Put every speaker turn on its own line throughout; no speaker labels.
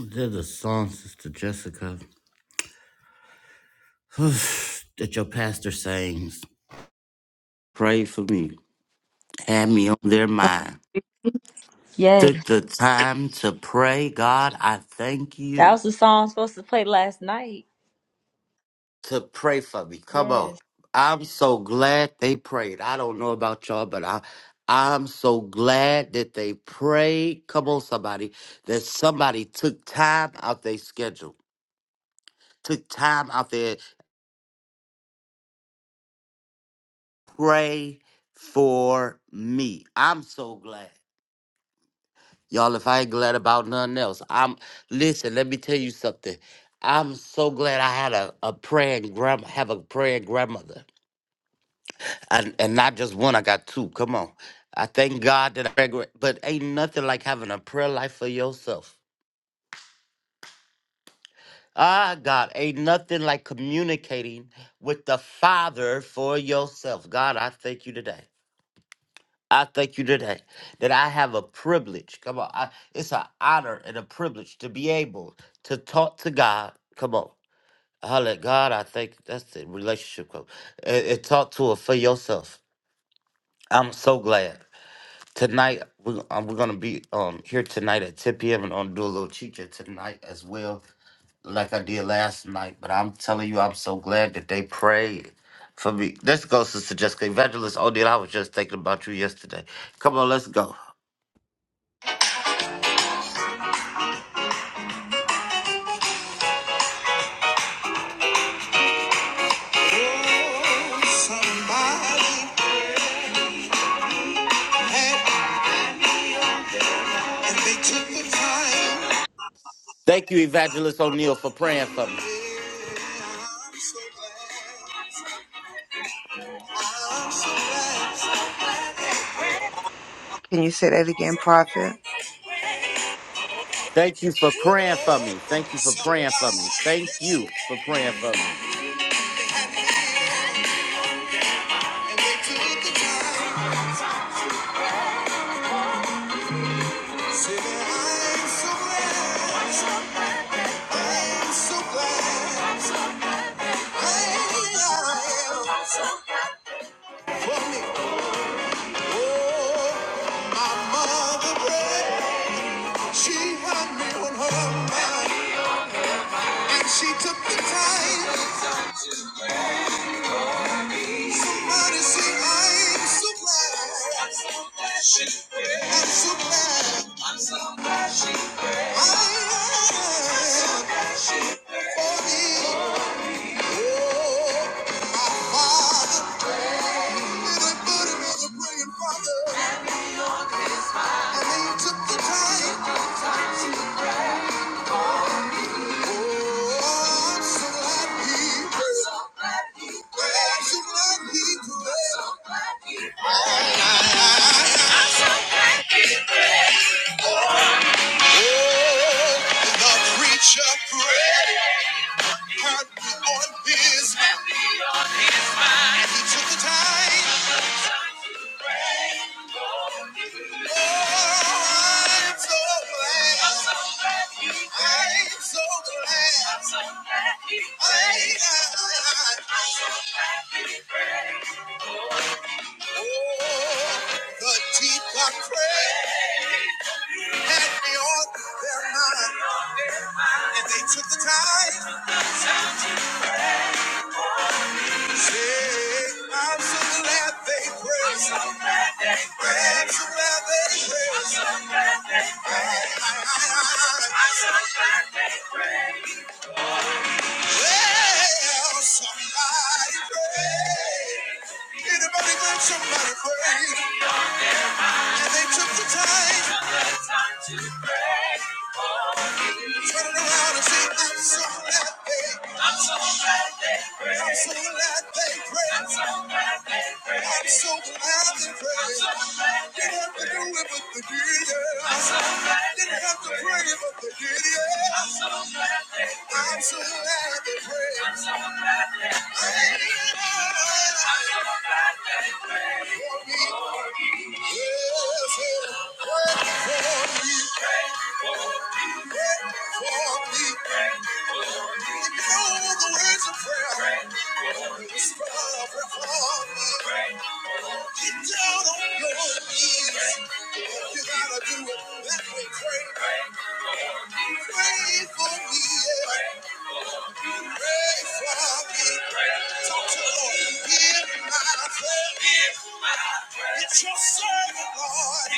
There's a song, Sister Jessica, that your pastor sings. Pray for me. Had me on their mind.
Yes.
Took the time to pray. God, I thank
That
you
was the song I was supposed to play last night.
to pray for me. Come on.
Yes.
I'm so glad they prayed. I don't know about y'all, but I, I'm so glad that they prayed. Come on, somebody. That somebody took time out their schedule, took time out there, pray for me. I'm so glad. Y'all, if I ain't glad about nothing else, I'm listen, let me tell you something. I'm so glad I had a, a praying grandma have a praying grandmother. And and not just one, I got two. Come on. I thank God that I pray gra- but ain't nothing like having a prayer life for yourself. Ah God, ain't nothing like communicating with the Father for yourself. God, I thank you today. I thank you today that I have a privilege. Come on. I, it's an honor and a privilege to be able to talk to God. Come on. Holla God, I think that's the relationship coach. And, and talk to it for yourself. I'm so glad. Tonight, we're, um, we're going to be um here tonight at 10 p.m. and I'm going to do a little teacher tonight as well, like I did last night. But I'm telling you, I'm so glad that they prayed for me. Let's go, Sister Jessica. Evangelist Odell, I was just thinking about you yesterday. Come on, let's go.
Somebody had, and they took the time.
Thank you, Evangelist O'Neill, for praying for me.
Yeah, I'm so glad. I'm so glad. So glad. Yeah.
Can you say that again, Prophet?
Thank you for praying for me. Thank you for praying for me. Thank
Somebody
you for praying for me.
had, and they took the time. Say that I'm so glad. I'm so glad. I'm so glad. For me. Oh, My mother she had me on her mind, and she took the time out to say, I'm so glad, I'm so glad I am for me. Oh, my father, little buddy, mother, praying father, and he took the time. Oh, I'm so glad he did. I'm so glad he did. The preacher prayed, heard me on his and he took the time. Oh, I'm so glad. I'm so glad. oh, the deep I prayed had me on their mind and they took the time. Say, I'm so glad they prayed. I'm so glad they prayed. Well, somebody prayed. Anybody but somebody prayed. And they took the time, turning around and said, I'm so glad they, prayed. I'm so glad they prayed. I'm so glad they prayed. Didn't have to do it, but they did, yeah. Didn't have to pray, but they did, yeah. I'm so glad they prayed. I'm so glad they prayed. It's your servant, Lord.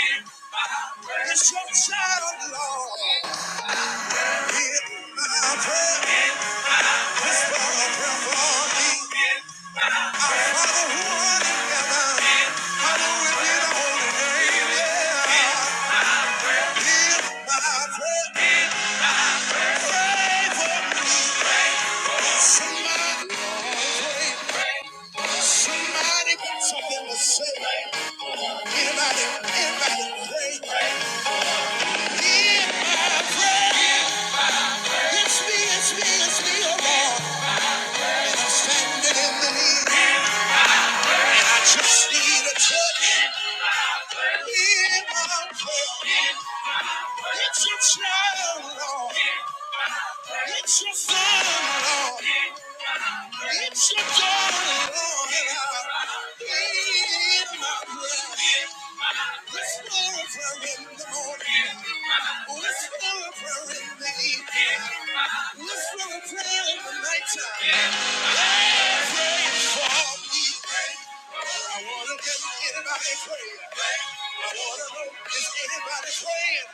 It's your child, Lord. Hear my prayer. Something to say. Anybody, anybody Hear my prayer. It's me, it's me, it's me, oh Lord. And I'm standing in the need. And I just need a touch. Hear my prayer. It's your Lord. It's your son, Lord. and I plead my prayer. Whisper a prayer in the morning. Whisper a prayer in the evening. Whisper a prayer in the nighttime. For we I wanna get anybody praying. I wanna is anybody praying?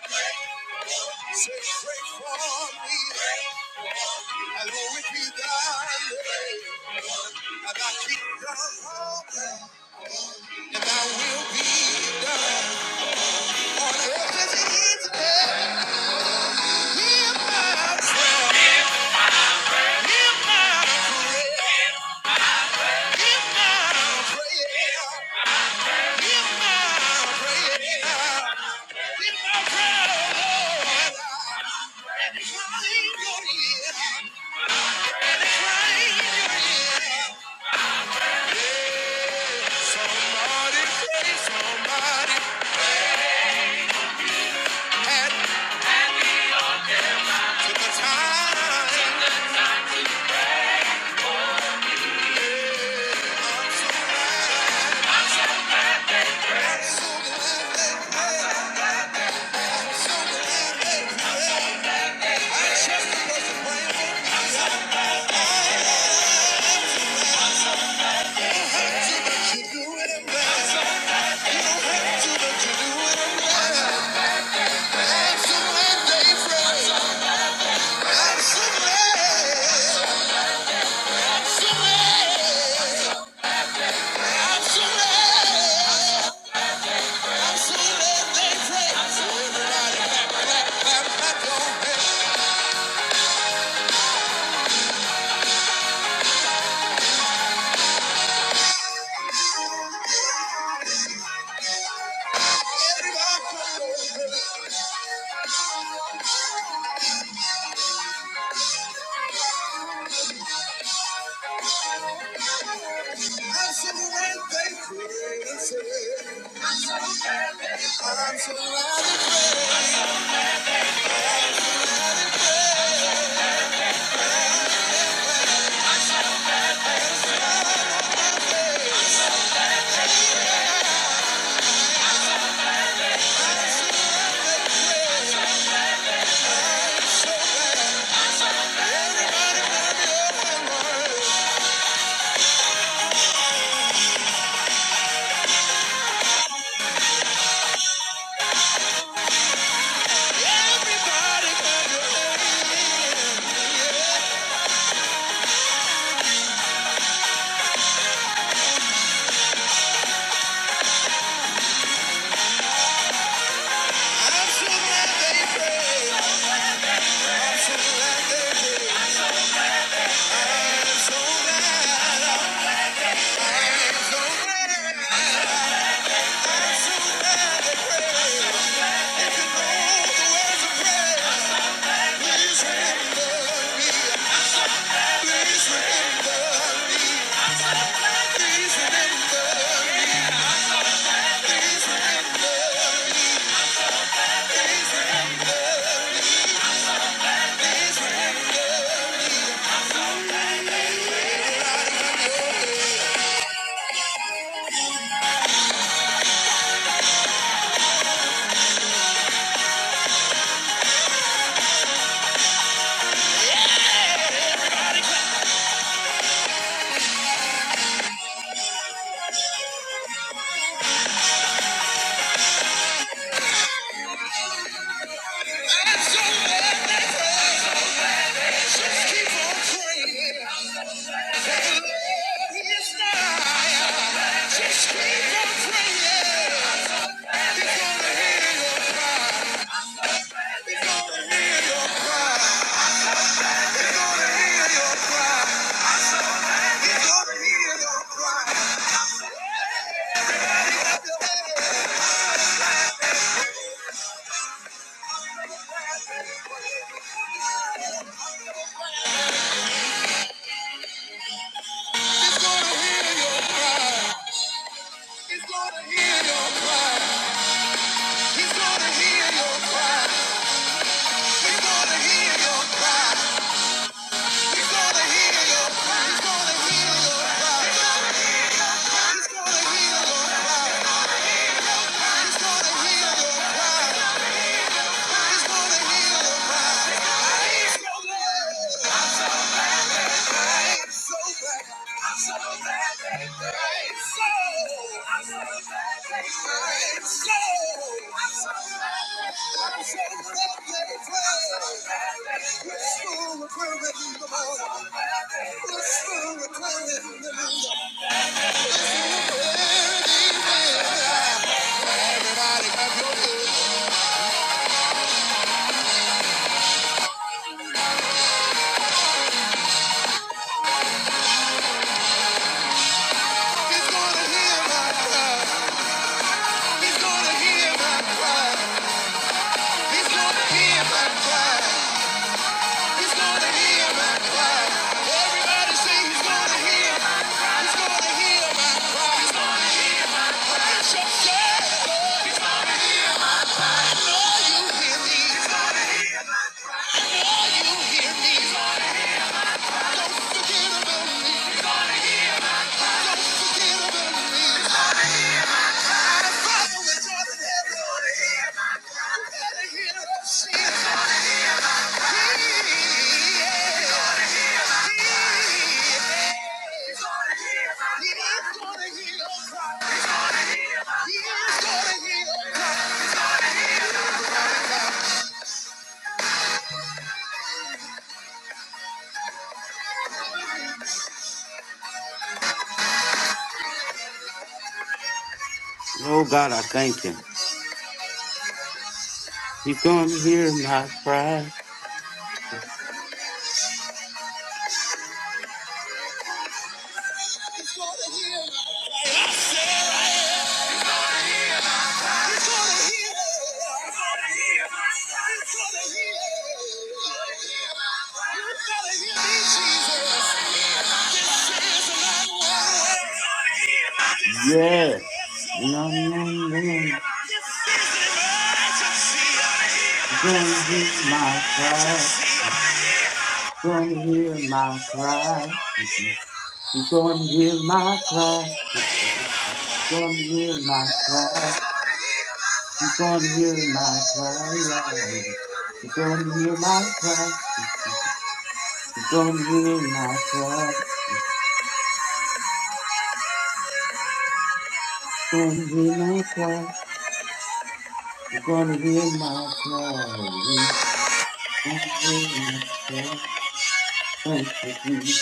for me. I will repeat thy name, and I got to keep thy heart. And thy will be done on earth as it is my prayer. Hear my prayer. Hear my prayer. Hear my prayer, Lord. Incline your ear. Incline your ear. Somebody pray, somebody had to the time. Absolutely, absolutely. I'm so glad they pray. Please remember, please remember. He's gonna hear your cry. He's gonna hear your cry. Everybody say he's gonna hear my cry. He's gonna hear my cry. He's gonna heal. He's gonna heal. He's
Oh God, I thank you. He's gonna hear my cry.
gonna heal.
Yeah. No, no, no. He's gonna hear my cry. He's gonna hear my cry. He's gonna hear my cry. He's gonna hear my cry. He's gonna hear my cry. He's gonna hear my cry. You're gonna hear my cry. You're Gonna hear my cry. You're gonna hear my cry. You're gonna hear my cry. Thank you, Jesus.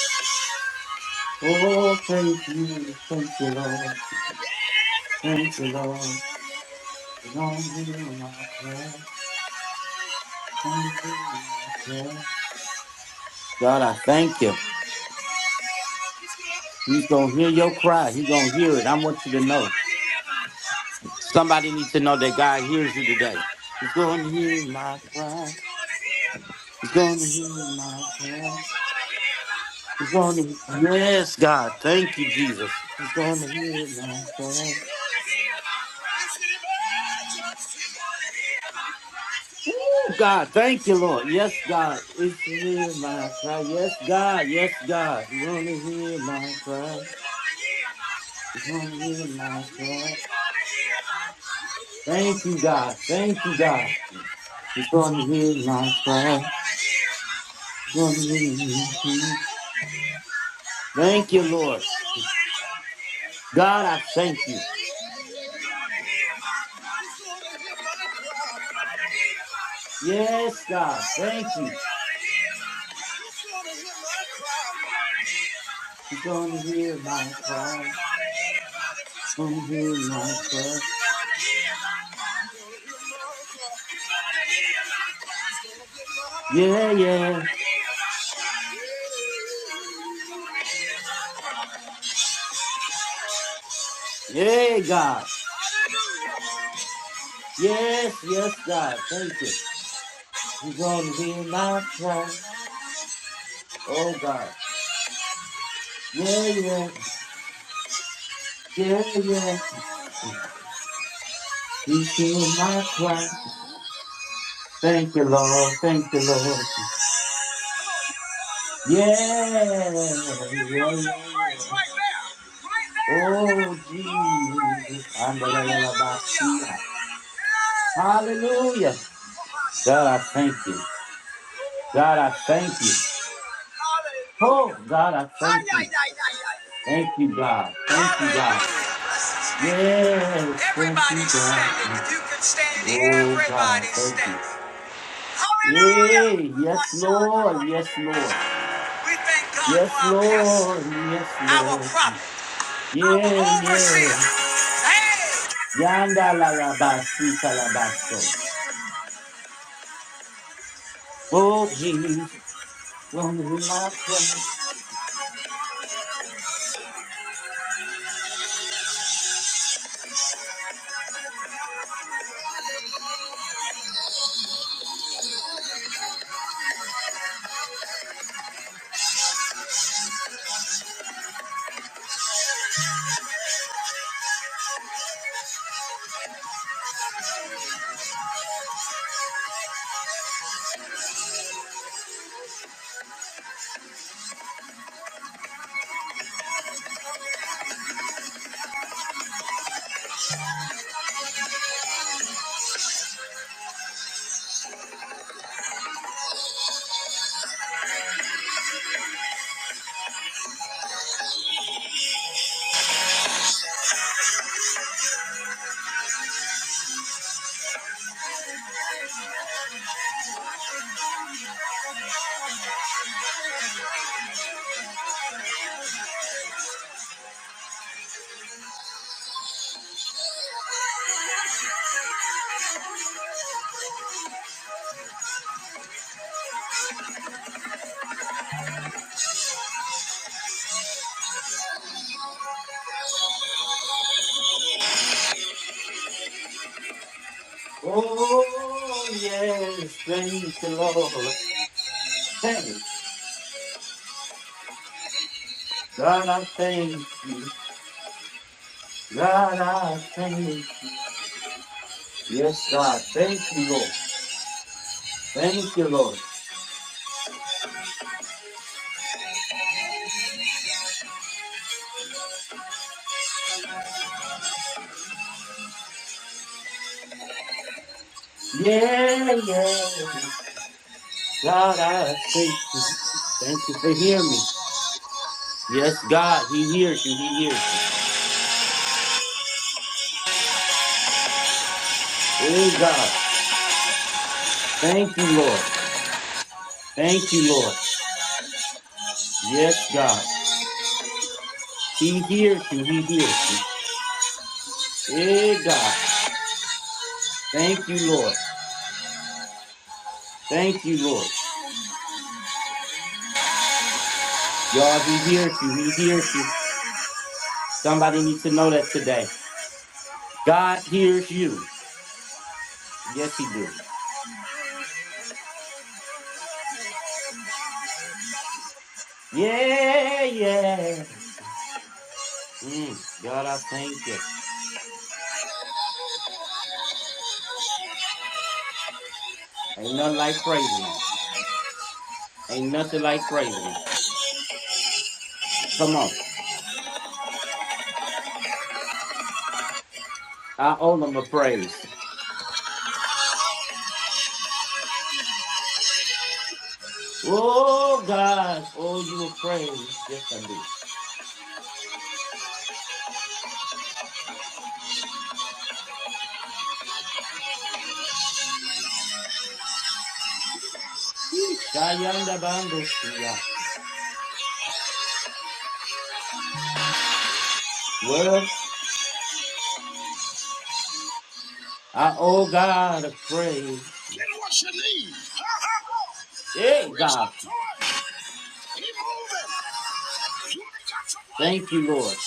Oh, thank you, thank you, Lord. Thank you, Lord. You're gonna hear my cry. You're Gonna hear my cry. God, I thank you. He's gonna hear your cry. He's gonna hear it. I want you to know. Somebody needs to know that God hears you today. He's gonna hear my cry. He's gonna hear my cry. He's going to, yes, God. Thank you, Jesus. It's going to hear my prayer. Ooh, God. Thank you, Lord. Yes, God. It's hear my cry. Yes, God. Yes, God. You're going to hear my cry. You're going to hear my cry. Thank you, God. Thank you, God. He's going to hear my cry. He's gonna hear me. Thank you, Lord. God, I thank you. Yes, God. Thank you. He's going to hear my cry. going to hear my cry. Yeah, yeah. Yeah, God. Yes, yes, God. Thank you. You're going to hear my cry. Oh, God. Yeah, yeah. Yeah, yeah. He's hearing my cry. Thank you, Lord. Thank you, Lord. Yeah, yeah, yeah, yeah. Oh, Jesus. Andalalalabasiya. Hallelujah. God, I thank you. God, I thank you. Oh, God, I thank you. Thank you, God. Thank you, God. Yes, thank you,
Everybody's
God.
standing. If you can stand,
Oh, God, I
everybody's
thank you.
standing. Hallelujah!
Hey, yes, Lord, yes, Lord.
We thank God for
Yes,
our pastor,
Lord, yes,
our
Lord.
prophet, our
Yeah,
overseer.
yeah.
Hey!
Yanda la la basita la basso. Oh, Jesus, will hear my prayer. Oh, yes, thank you, Lord. Thank you. God, I thank you. God, I thank you. Yes, God, thank you, Lord. Thank you, Lord. Yeah, yeah. God, I thank you. Thank you for hearing me. Yes, God, He hears you. He hears you. Hey, God. Thank you, Lord. Thank you, Lord. Yes, God. He hears you. He hears you. Hey, God. Thank you, Lord. Thank you, Lord. Y'all, He hears you. He hears you. Somebody needs to know that today. God hears you. Yes, He do. Yeah, yeah. Mm, God, I thank you. Ain't nothing like praising Him. Ain't nothing like praising him. Come on. I owe him a praise. Oh God, oh you a praise. Yes, I do. Shayanda Bando Sia. Well, I owe God a praise. Hey God. Thank you, Lord.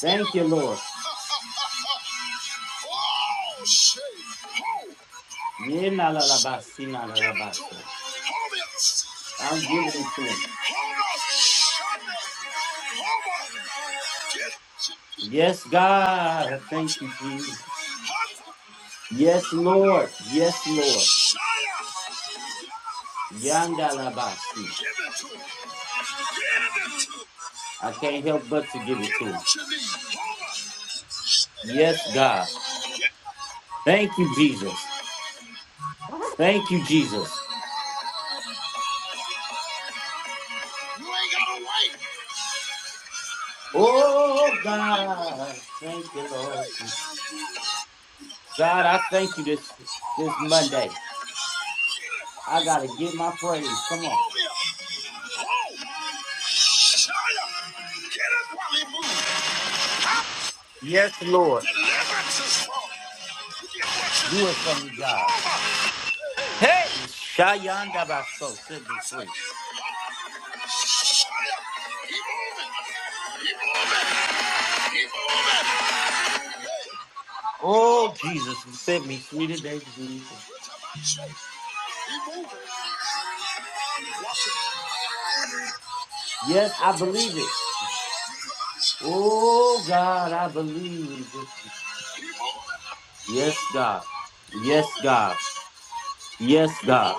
Thank you, Lord. Yena la la ba si na la la ba so. I'm giving it to him. Yes, God. Thank you, Jesus. Yes, Lord. Yes, Lord. Yanda la ba si. I can't help but to give it to him. Yes, God. Thank you, Jesus. Thank you, Jesus. Oh God. Thank you, Lord. God, I thank you this this Monday. I gotta get my praise. Come on. Yes, Lord. Do it for me, God. Hey, Shayanda Baso, set me free. Oh Jesus, set me free today. Jesus. Yes, I believe it. Oh God, I believe it. Yes, God. Yes, God. Yes, God.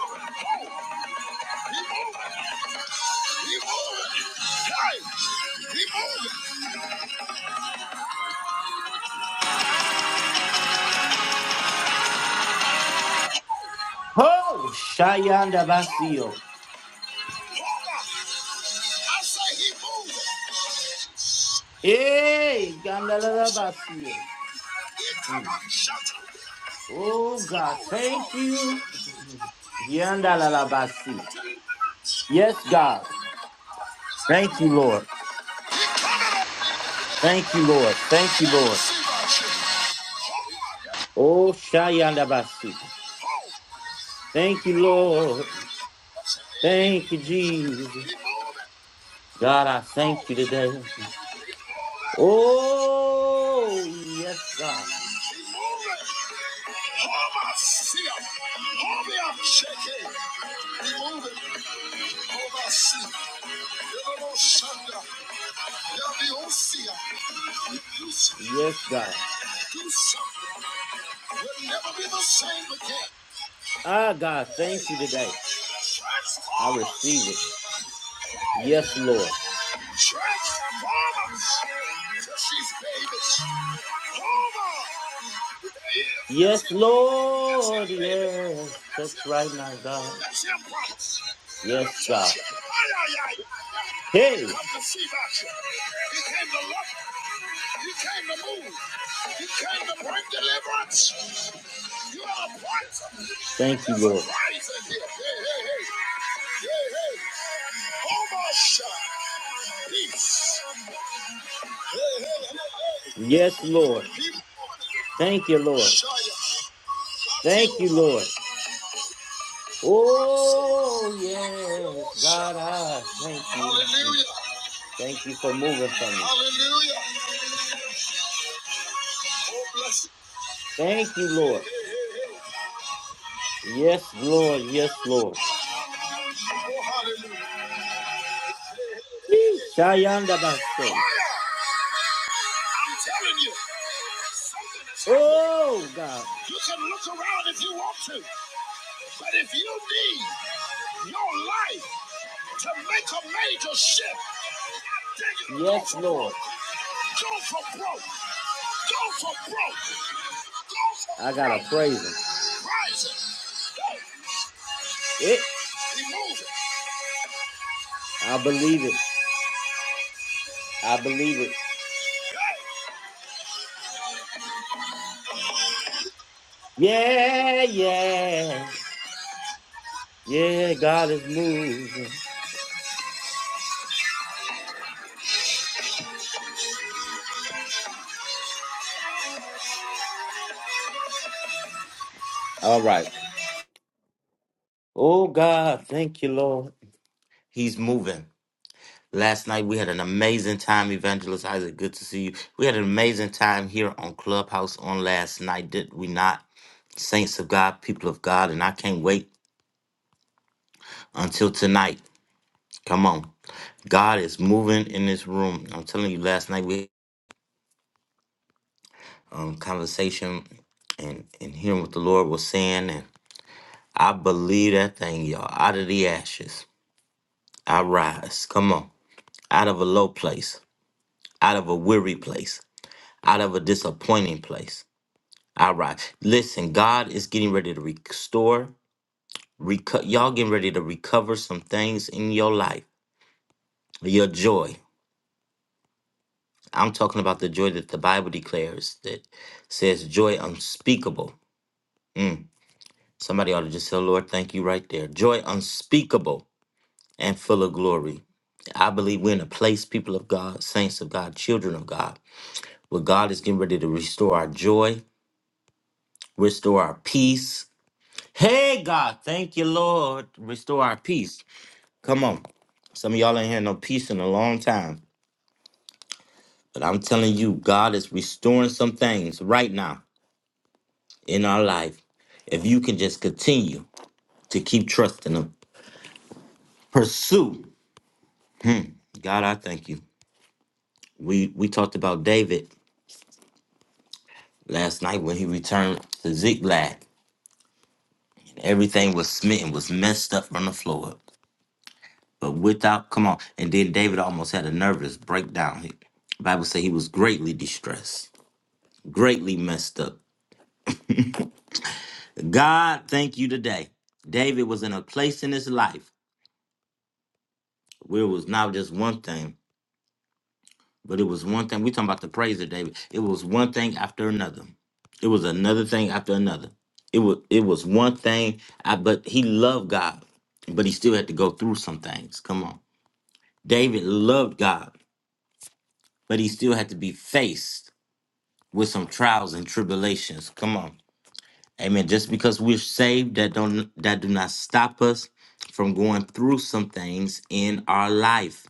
Oh, Shayanda Basio. Hey, Gandalala Basio. Mm. Oh, God, thank you. Yandalala Basi. Yes, God. Thank you, Lord. Thank you, Lord. Thank you, Lord. Oh, Shayanda Basi. Thank you, Lord. Thank you, Jesus. God, I thank you today. Oh, yes, God. Yes, God. Ah, God, thank you today. I receive it. Yes, Lord. Yes, Lord. Yes. Touch right now, God. Yes, God. Hey, thank you, Lord. Yes, Lord. Thank you, Lord. Thank you, Lord. Oh, yes, God, I thank you. Mm. Thank you for moving for me. Thank you, Lord. Yes, Lord. Yes, Lord. Yee, Shayanda Baso.
I'm Something is happening.
Oh, God. Yes, Lord.
Yes,
I got to
break,
praise him.
rise,
It.
move.
I believe it. I believe it.
Hey.
Yeah, yeah, yeah, God is moving. All right. Oh, God, thank you, Lord. He's moving. Last night we had an amazing time, Evangelist Isaac. Good to see you. We had an amazing time here on Clubhouse on last night, did we not? Saints of God, people of God, and I can't wait until tonight. Come on. God is moving in this room. I'm telling you, last night we had um, conversation and, and hearing what the Lord was saying. I believe that thing, y'all. Out of the ashes, I rise. Come on. Out of a low place, out of a weary place, out of a disappointing place, I rise. Listen, God is getting ready to restore. Reco- y'all getting ready to recover some things in your life. Your joy. I'm talking about the joy that the Bible declares that says joy unspeakable. Somebody ought to just say, Lord, thank you right there. Joy unspeakable and full of glory. I believe we're in a place, people of God, saints of God, children of God, where God is getting ready to restore our joy, restore our peace. Hey, God, thank you, Lord. Restore our peace. Come on. Some of y'all ain't had no peace in a long time. But I'm telling you, God is restoring some things right now in our life. If you can just continue to keep trusting Him, pursue. God, I thank you. We we talked about David last night when he returned to Ziklag. Everything was smitten, was messed up from the floor up. But without, come on. And then David almost had a nervous breakdown. He- The Bible say he was greatly distressed, greatly messed up. God, thank you today. David was in a place in his life where it was not just one thing, but it was one thing. we talking about the praise of David. It was one thing after another. It was another thing after another. It was it was one thing, I, but he loved God, but he still had to go through some things. Come on. David loved God, but he still had to be faced with some trials and tribulations. Come on. Amen. Just because we're saved, that don't that do not stop us from going through some things in our life.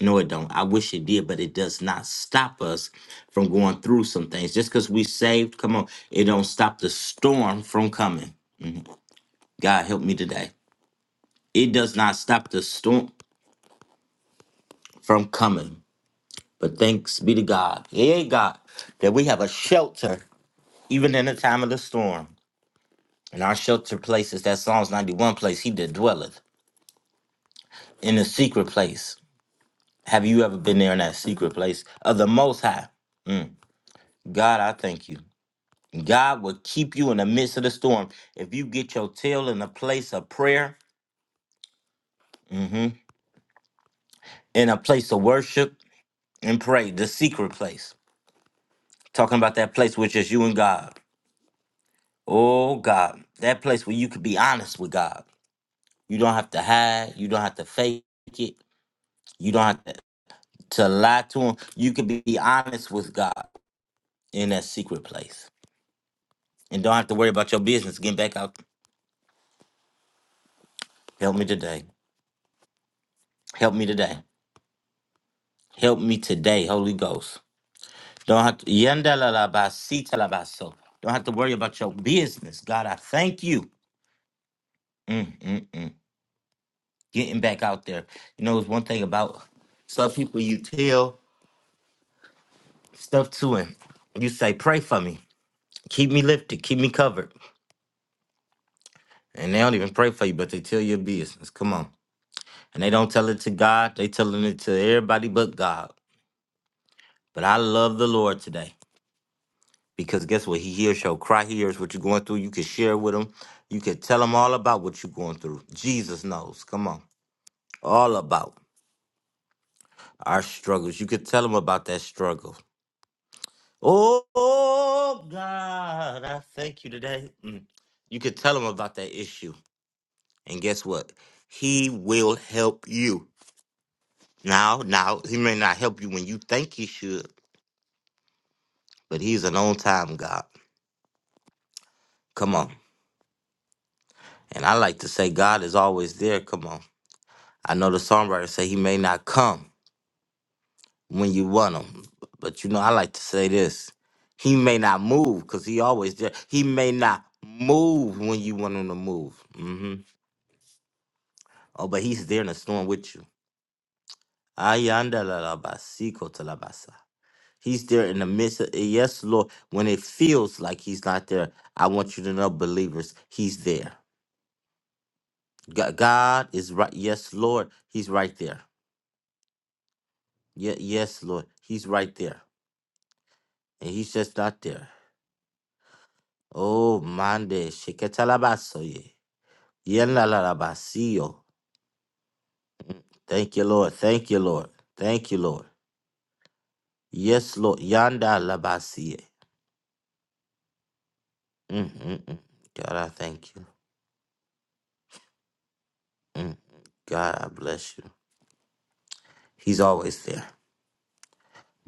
No, it don't. I wish it did, but it does not stop us from going through some things. Just because we saved, come on, it don't stop the storm from coming. God help me today. It does not stop the storm from coming. But thanks be to God. Yay, God, that we have a shelter even in the time of the storm. And our shelter place is that Psalms 91 place. He that dwelleth in the secret place. Have you ever been there in that secret place of the Most High? God, I thank you. God will keep you in the midst of the storm. If you get your tail in a place of prayer, mhm, in a place of worship and pray, the secret place. Talking about that place which is you and God. Oh, God, that place where you could be honest with God. You don't have to hide. You don't have to fake it. You don't have to to lie to him. You can be honest with God in that secret place and don't have to worry about your business. Getting back out. Help me today. Help me today. Help me today, Holy Ghost. Don't have to Yandalalabasitalabaso. Don't have to worry about your business. God, I thank you. Mm, mm, mm. Getting back out there. You know, it's one thing about some people you tell stuff to and you say, pray for me. Keep me lifted. Keep me covered. And they don't even pray for you, but they tell your business. Come on. And they don't tell it to God, they telling it to everybody but God. But I love the Lord today because guess what? He hears your cry, he hears what you're going through. You can share with him. You can tell him all about what you're going through. Jesus knows. Come on. All about our struggles. You can tell him about that struggle. Oh, oh, God, I thank you today. Mm. You could tell him about that issue. And guess what? He will help you. Now, now, he may not help you when you think he should, but he's an on time God. Come on. And I like to say God is always there. Come on. I know the songwriter say he may not come when you want him. But you know, I like to say this. He may not move because he always there. He may not move when you want him to move. hmm Oh, but he's there in the storm with you. Ayanda la la ba si ko ta la ba sa. He's there in the midst of yes, Lord. When it feels like he's not there, I want you to know, believers, he's there. Ga- God is right. Yes, Lord, He's right there. Yeah, yes, Lord, He's right there, and He's just not there. Oh, mande sheketalabasoye, yenlalabasiyo. Thank you, Lord. Thank you, Lord. Thank you, Lord. Yes, Lord. Yanda labasiye. Mm, mm, mm. God, I thank you. God, I bless you. He's always there.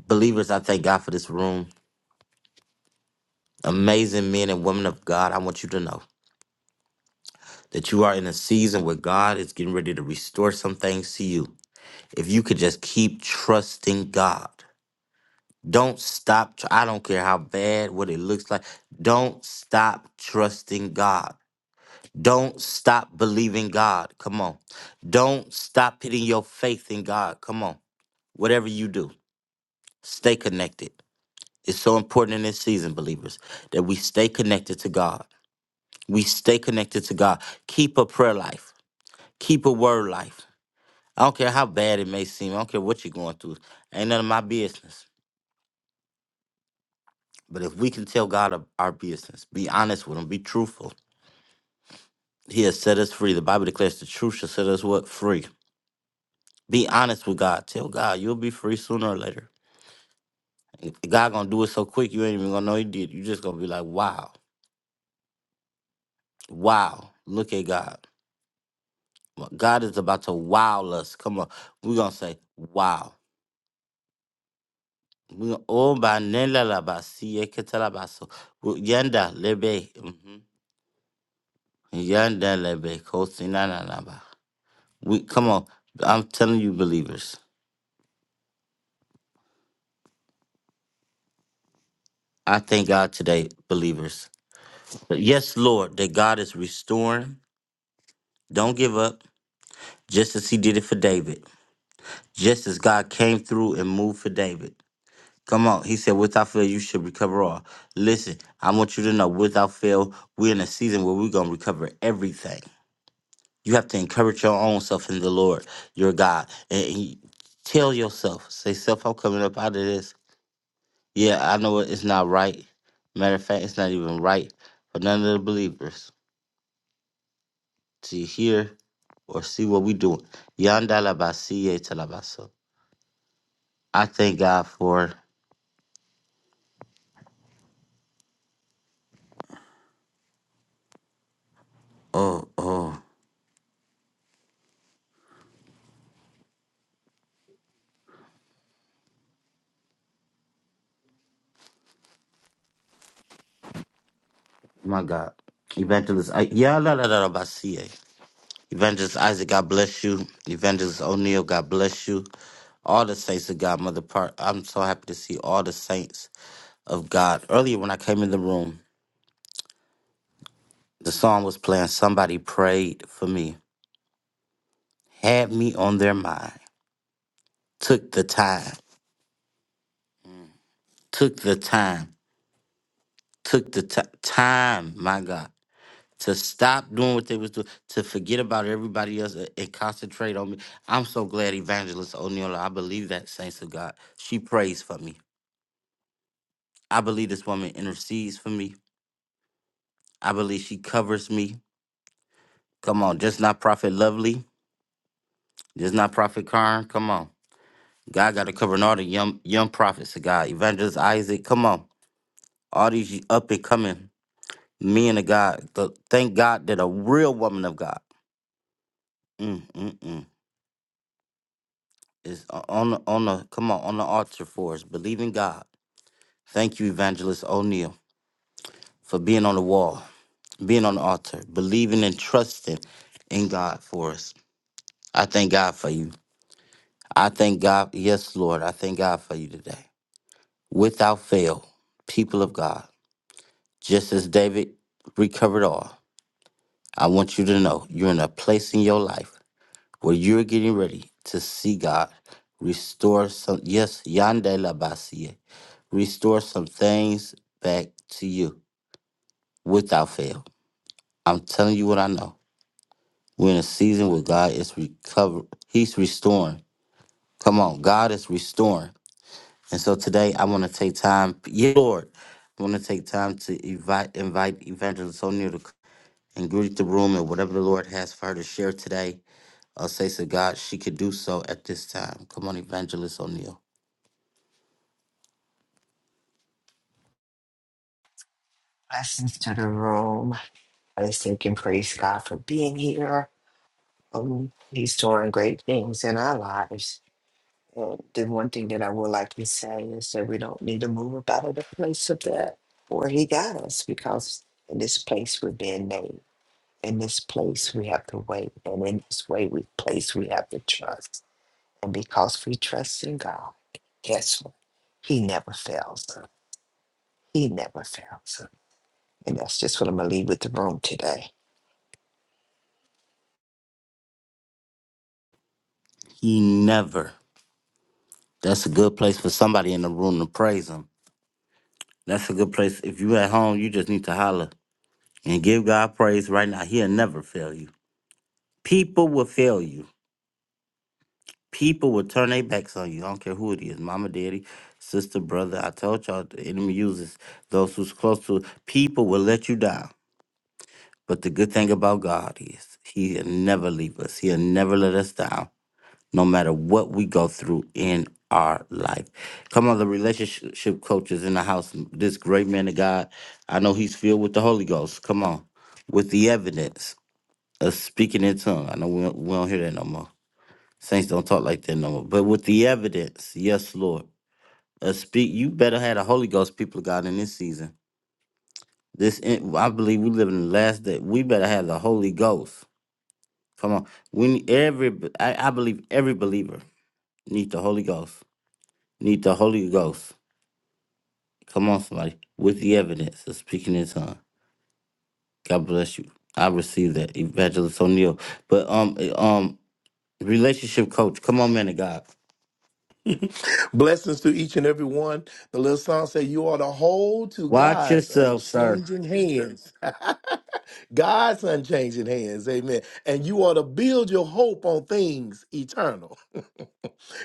Believers, I thank God for this room. Amazing men and women of God. I want you to know. that you are in a season where God is getting ready to restore some things to you. If you could just keep trusting God, don't stop. tr- I don't care how bad, what it looks like. Don't stop trusting God. Don't stop believing God. Come on. Don't stop putting your faith in God. Come on. Whatever you do, stay connected. It's so important in this season, believers, that we stay connected to God. We stay connected to God. Keep a prayer life. Keep a word life I don't care how bad it may seem. I don't care what you're going through. Ain't none of my business. But if we can tell God of our business, be honest with Him, be truthful, He has set us free. The Bible declares the truth shall set us what free. Be honest with God. Tell God you'll be free sooner or later. God gonna do it so quick you ain't even gonna know He did. You just gonna be like, wow, wow, look at God. Well, God is about to wow us. Come on, we gonna say wow. We gonna oh ba nela la ba si ye ketela ba so. Yanda lebe. Yandelebe kosinanaba. We come on. I'm telling you, believers. I thank God today, believers. But yes, Lord, that God is restoring. Don't give up. Just as He did it for David. Just as God came through and moved for David. Come on. He said, without fail, you should recover all. Listen, I want you to know without fail, we're in a season where we're gonna recover everything. You have to encourage your own self in the Lord, your God. And and tell yourself, say, self, I'm coming up out of this. Yeah, I know it- it's not right. Matter of fact, it's not even right for none of the believers to hear or see what we doing. Yandalabasiye talabaso. I thank God for oh oh my God. Evangelist I Yandalabasiye. Evangelist Isaac, God bless you. Evangelist O'Neill, God bless you. All the saints of God, Mother Part. I'm so happy to see all the saints of God. Earlier when I came in the room, the song was playing, Somebody Prayed for Me. had me on their mind. Took the time, took the time, took the ti- time, my God, to stop doing what they was doing, to forget about everybody else and, and concentrate on me. I'm so glad Evangelist O'Neill, I believe that, saints of God, she prays for me. I believe this woman intercedes for me. I believe she covers me. Come on, just not Prophet Lovely, just not Prophet Karn. Come on. God got to cover all the young young prophets of God, Evangelist Isaac. Come on, all these up and coming Men of God, the, thank God that a real woman of God mm, mm, mm, is o- on the, on the come on on the altar for us. Believe in God. Thank you, Evangelist O'Neill, for being on the wall, being on the altar, believing and trusting in God for us. I thank God for you. I thank God, yes, Lord, I thank God for you today. Without fail, people of God, just as David recovered all, I want you to know you're in a place in your life where you're getting ready to see God restore some, yes, Yandela Basie, restore some things back to you without fail. I'm telling you what I know. We're in a season where God is recover. He's restoring. Come on, God is restoring. And so today I want to take time, yeah, Lord, I want to take time to invite, invite Evangelist O'Neill to c- and greet the room and whatever the Lord has for her to share today. I'll say to God, she could do so at this time. Come on, Evangelist O'Neill.
Blessings to the room. I just thank and praise God for being here. Um, he's doing great things in our lives. And the one thing that I would like to say is that we don't need to move about of the place of that where he got us because in this place we're being made. In this place we have to wait. And in this way we place we have to trust. And because we trust in God, guess what? He never fails. He never fails. And that's just what I'm going to leave with the room today.
He never. That's a good place for somebody in the room to praise him. That's a good place. If you at home, you just need to holler and give God praise right now. He'll never fail you. People will fail you. People will turn their backs on you. I don't care who it is, mama, daddy, sister, brother. I told y'all the enemy uses those who's close to people will let you down. But the good thing about God is he'll never leave us. He'll never let us down. no matter what we go through in our life. Come on, the relationship coach is in the house. This great man of God, I know he's filled with the Holy Ghost. Come on, with the evidence of speaking in tongue. I know we don't, we don't hear that no more. Saints don't talk like that no more. But with the evidence, yes, Lord, uh, speak. You better have the Holy Ghost, people of God, in this season. This in- I believe we live in the last day. We better have the Holy Ghost. Come on, we need every. I, I believe every believer needs the Holy Ghost. Need the Holy Ghost. Come on, somebody. With the evidence of speaking in tongues. God bless you. I received that, Evangelist O'Neill. But um eh, um relationship coach, come on, man of God.
Blessings to each and every one. The little song said, You are to hold to
Watch
God's
yourself, sir.
unchanging hands. God's unchanging hands. Amen. And you are to build your hope on things eternal.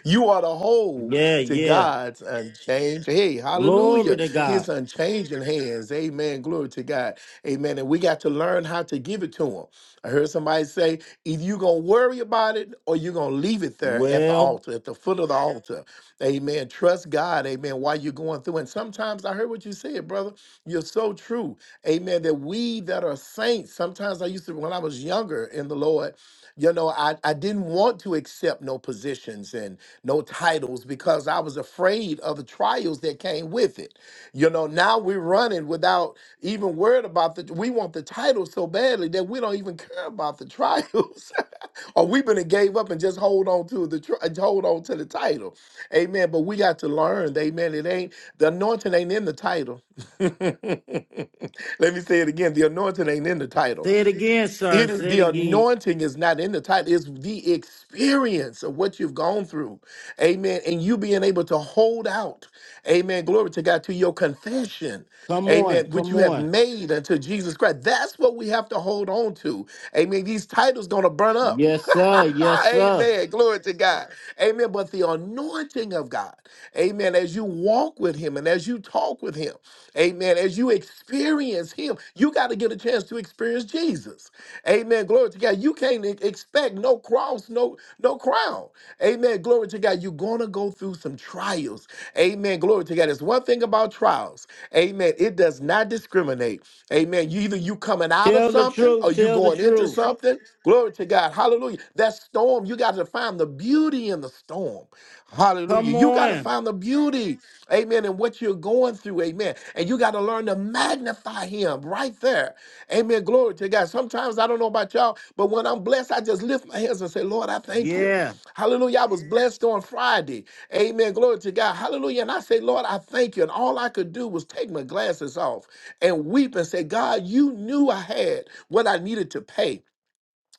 you are the whole
Yeah,
to
yeah.
God's unchanged. Hey,
Glory
hallelujah.
to
His
God.
unchanging hands. Amen. Glory to God. Amen. And we got to learn how to give it to him. I heard somebody say, either you're going to worry about it or you're going to leave it there at the
Well,
altar, at the foot of the altar. Amen. Trust God. Amen. While you're going through. And sometimes I heard what you said, brother. You're so true. Amen. That we that are saints, sometimes I used to, when I was younger in the Lord, you know I, I didn't want to accept no positions and no titles because i was afraid of the trials that came with it you know now we're running without even worried about the we want the title so badly that we don't even care about the trials or we have been gave up and just hold on to the tri- hold on to the title amen but we got to learn that, amen it ain't the anointing ain't in the title let me say it again the anointing ain't in the title
say it again, sir.
it is-
Say it
the
again.
anointing is not in the title, it's the experience of what you've gone through. Amen. And you being able to hold out. Amen. Glory to God to your confession.
Come on,
Amen. Which
come
you have
on.
made unto Jesus Christ. That's what we have to hold on to. Amen. These titles gonna burn up.
Yes, sir. Yes, sir.
Amen. Glory to God. Amen. But the anointing of God, amen, as you walk with Him and as you talk with Him, amen, as you experience Him, you got to get a chance to experience Jesus. Amen. Glory to God. You can't e- expect no cross, no, no crown. Amen. Glory to God. You're going to go through some trials. Amen. Glory to God. It's one thing about trials. Amen. Amen. It does not discriminate. Amen. You either you coming out of
Tell the
something or
truth.
you
Tell the
going into
truth.
something. Glory to God. Hallelujah. That storm, you got to find the beauty in the storm. Hallelujah.
Come
You got to
on.
find the beauty. Amen. In what you're going through. Amen. And you got to learn to magnify him right there. Amen. Glory to God. Sometimes I don't know about y'all, but when I'm blessed, I just lift my hands and say, Lord, I thank you.
Yeah.
Hallelujah. I was blessed on Friday. Amen. Glory to God. Hallelujah. And I say, Lord, I thank you. And all I could do was take my glasses off and weep and say, God, you knew I had what I needed to pay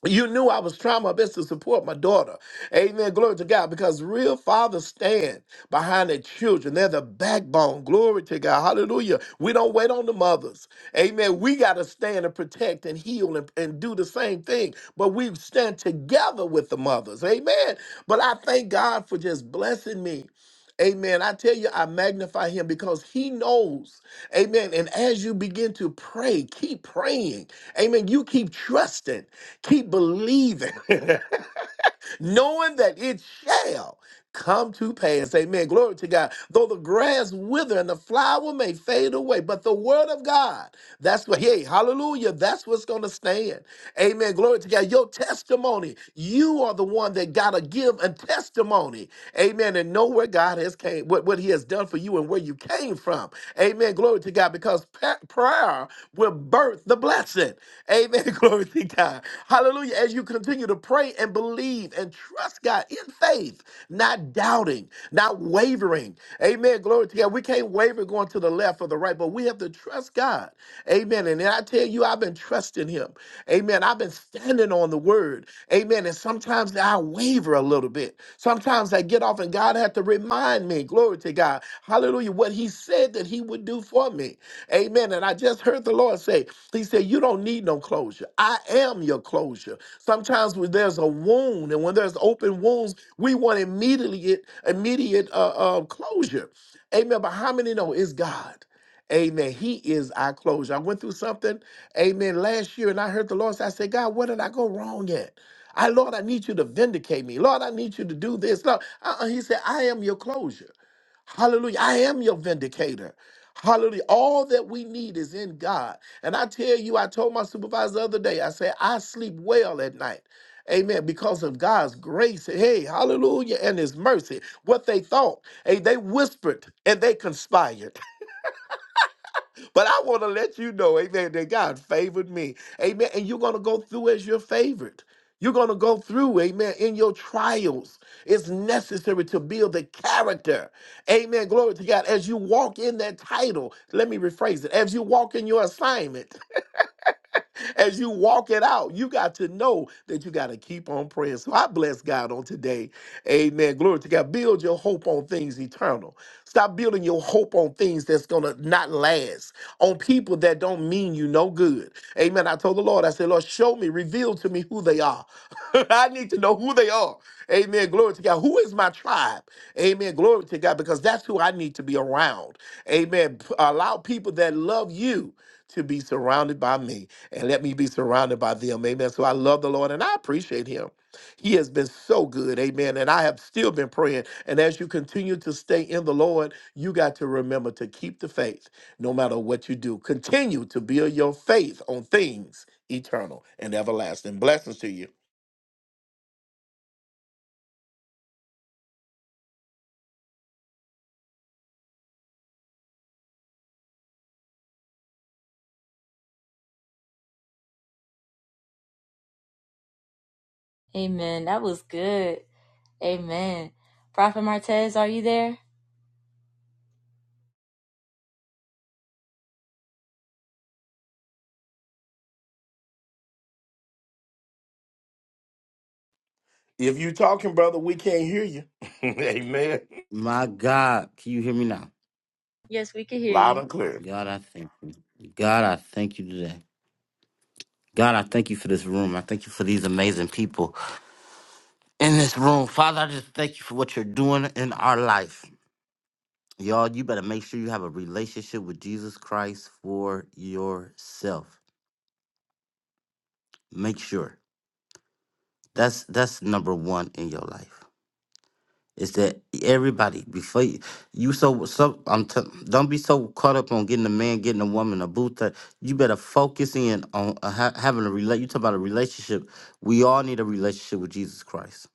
you knew I was trying my best to support my daughter. Amen. Glory to God. Because real fathers stand behind their children. They're the backbone. Glory to God. Hallelujah. We don't wait on the mothers. Amen. We got to stand and protect and heal and, and do the same thing. But we stand together with the mothers. Amen. But I thank God for just blessing me. Amen. I tell you, I magnify him because he knows. Amen. And as you begin to pray, keep praying. Amen. You keep trusting, keep believing. knowing that it shall come to pass. Amen. Glory to God. Though the grass wither and the flower may fade away, but the word of God, that's what, hey, hallelujah, that's what's going to stand. Amen. Glory to God. Your testimony, you are the one that got to give a testimony. Amen. And know where God has came, what, what he has done for you and where you came from. Amen. Glory to God. Because pa- prayer will birth the blessing. Amen. Glory to God. Hallelujah. As you continue to pray and believe and trust God in faith, not doubting, not wavering. Amen. Glory to God. We can't waver going to the left or the right, but we have to trust God. Amen. And I tell you, I've been trusting Him. Amen. I've been standing on the word word. Amen. And sometimes I waver a little bit. Sometimes I get off and God had to remind me, glory to God, hallelujah, what he said that he would do for me. Amen. And I just heard the Lord say, he said, you don't need no closure. I am your closure. Sometimes when there's a wound and when there's open wounds, we want immediate, immediate uh, uh, closure. Amen. But how many know it's God? Amen. He is our closure. I went through something, amen, last year, and I heard the Lord say, I said, God, what did I go wrong at? I, Lord, I need you to vindicate me. Lord, I need you to do this. Lord, uh-uh. He said, I am your closure. Hallelujah. I am your vindicator. Hallelujah. All that we need is in God. And I tell you, I told my supervisor the other day, I said, I sleep well at night. Amen. Because of God's grace. Hey, hallelujah. And his mercy. What they thought, hey, they whispered and they conspired. But I want to let you know, amen, that God favored me. Amen. And you're going to go through as you're favored. You're going to go through, amen, in your trials. It's necessary to build the character. Amen. Glory to God. As you walk in that title, let me rephrase it. As you walk in your assignment, as you walk it out, you got to know that you got to keep on praying. So I bless God on today. Amen. Glory to God. Build your hope on things eternal. Stop building your hope on things that's going to not last, on people that don't mean you no good. Amen. I told the Lord, I said, Lord, show me, reveal to me who they are. I need to know who they are. Amen. Glory to God. Who is my tribe? Amen. Glory to God, because that's who I need to be around. Amen. P- Allow people that love you to be surrounded by me and let me be surrounded by them. Amen. So I love the Lord and I appreciate him. He has been so good. Amen. And I have still been praying. And as you continue to stay in the Lord, you got to remember to keep the faith no matter what you do. Continue to build your faith on things eternal and everlasting. Blessings to you.
Amen. That was good. Amen. Prophet Martez, are you there?
If you're talking, brother, we can't hear you. Amen.
My God. Can you hear me now?
Yes, we can hear
Loud
you.
and clear.
God, I thank you. God, I thank you today. God, I thank you for this room. I thank you for these amazing people in this room. Father, I just thank you for what you're doing in our life. Y'all, you better make sure you have a relationship with Jesus Christ for yourself. Make sure. That's that's number 1 in your life. is that everybody before you, you so so I'm t- don't be so caught up on getting a man, getting a woman, a boo thing. You better focus in on uh, ha- having a relate. You talk about a relationship. We all need a relationship with Jesus Christ.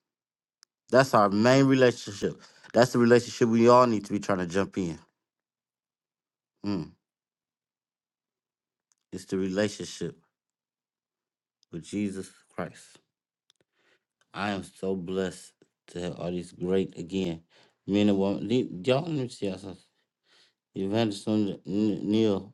That's our main relationship. That's the relationship we all need to be trying to jump in. Mm. It's the relationship with Jesus Christ. I am so blessed to have all these great again men and women. the- Y'all, let me see y'all. something. Evangelist Neil.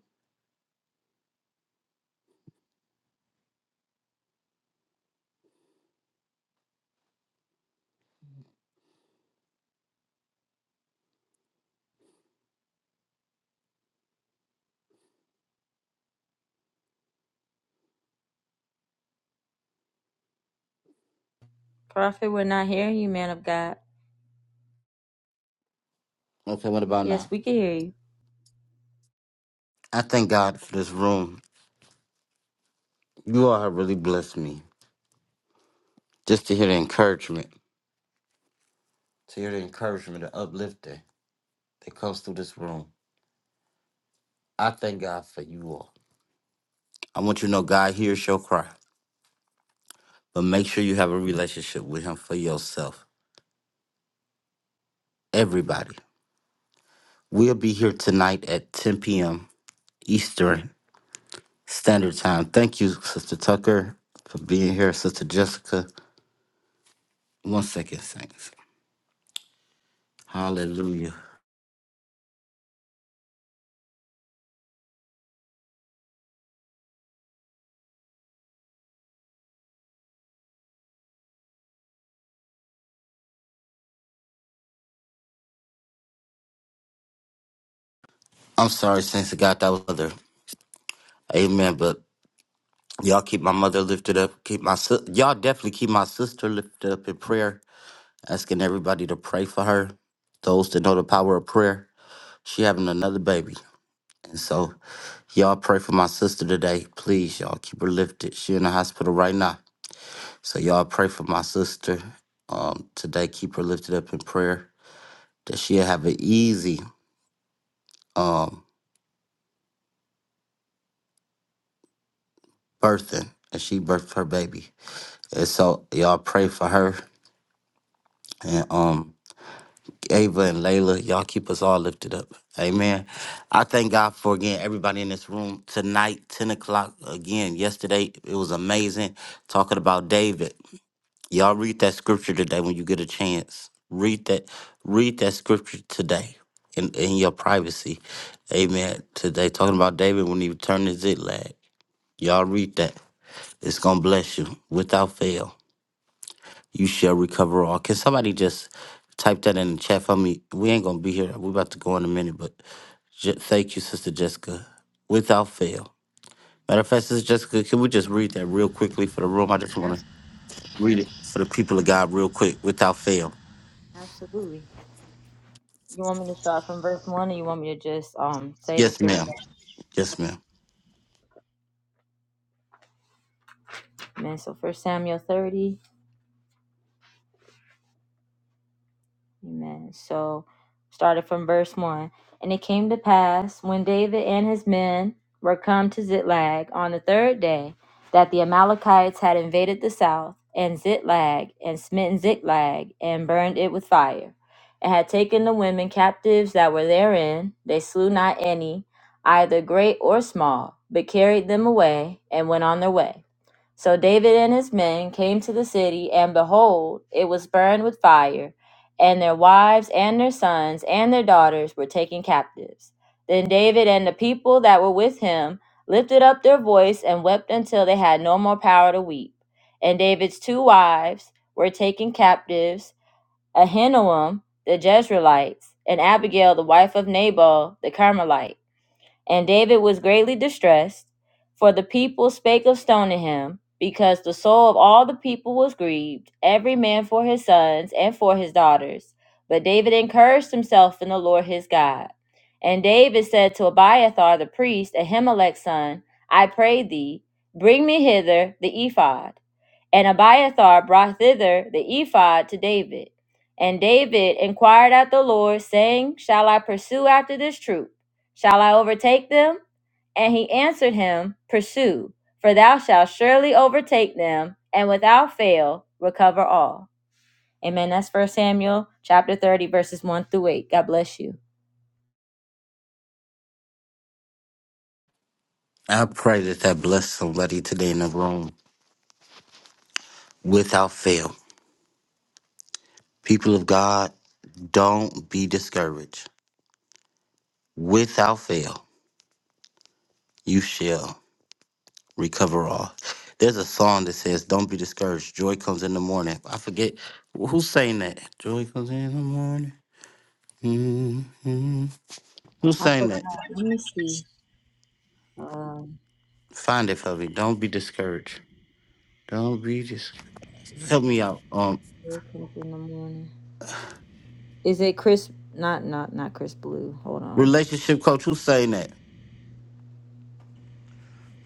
Prophet, we're not hearing you, man of God.
Okay, what about
Yes,
now?
we can hear you.
I thank God for this room. You all have really blessed me. Just to hear the encouragement, to hear the encouragement, the uplifting that comes through this room. I thank God for you all. I want you to know God hears your cry, but make sure you have a relationship with Him for yourself. Everybody. We'll be here tonight at 10 p.m. Eastern Standard Time. Thank you, Sister Tucker, for being here. Sister Jessica. One second, Saints. Hallelujah. I'm sorry, Saints of God, that was other. Amen. But Y'all keep my mother lifted up. Keep my si- y'all definitely keep my sister lifted up in prayer. Asking everybody to pray for her. Those that know the power of prayer. She having another baby, and so y'all pray for my sister today, please. Y'all keep her lifted. She in the hospital right now, so y'all pray for my sister um, today. Keep her lifted up in prayer that she'll have an easy um, birthing, and she birthed her baby. And so y'all pray for her, and um, Ava and Layla, y'all keep us all lifted up. Amen. I thank God for again everybody in this room tonight, 10 o'clock. Again, yesterday it was amazing talking about David. Y'all read that scripture today when you get a chance. Read that, read that scripture today in, in your privacy. Amen. Today, talking about David when he returned to Ziklag. Y'all read that. It's gonna bless you without fail you shall recover all. Can somebody just type that in the chat for me? We ain't gonna be here. We're about to go in a minute, but j- thank you, Sister Jessica, without fail. Matter of fact, Sister Jessica, can we just read that real quickly for the room? I just wanna
Abs-
read it for the people of God real quick, without fail.
Absolutely. You want me to start from verse one, or you want me to just um say the
Yes,
scripture?
ma'am. Yes, ma'am.
Amen. So First Samuel thirty. Amen. So started from verse one, and it came to pass when David and his men were come to Ziklag on the third day that the Amalekites had invaded the south and Ziklag and smitten Ziklag and burned it with fire, and had taken the women captives that were therein. They slew not any, either great or small, but carried them away and went on their way. So David and his men came to the city, and behold, it was burned with fire, and their wives and their sons and their daughters were taken captives. Then David and the people that were with him lifted up their voice and wept until they had no more power to weep. And David's two wives were taken captives Ahinoam the Jezreelite and Abigail the wife of Nabal the Carmelite. And David was greatly distressed, for the people spake of stoning him, because the soul of all the people was grieved, every man for his sons and for his daughters. But David encouraged himself in the Lord his God. And David said to Abiathar the priest, Ahimelech's son, I pray thee, bring me hither the ephod. And Abiathar brought thither the ephod to David. And David inquired at the Lord, saying, Shall I pursue after this troop? Shall I overtake them? And he answered him, Pursue, for thou shalt surely overtake them, and without fail recover all. Amen. That's First Samuel chapter 30, verses 1 through 8. God bless you.
I pray that that bless somebody today in the room without fail. People of God, don't be discouraged. Without fail, you shall. recover all. There's a song that says, "Don't be discouraged. Joy comes in the morning." I forget wh- who sang that. Joy comes in the morning. hmm Who
I
sang
forgot.
that?
Let me see. Um,
Find it for me. Don't be discouraged. Don't be discouraged. Help me out. Um,
wake up in the morning. Is it crisp? Not, not, not crisp blue. Hold on.
relationship coach. Who sang that?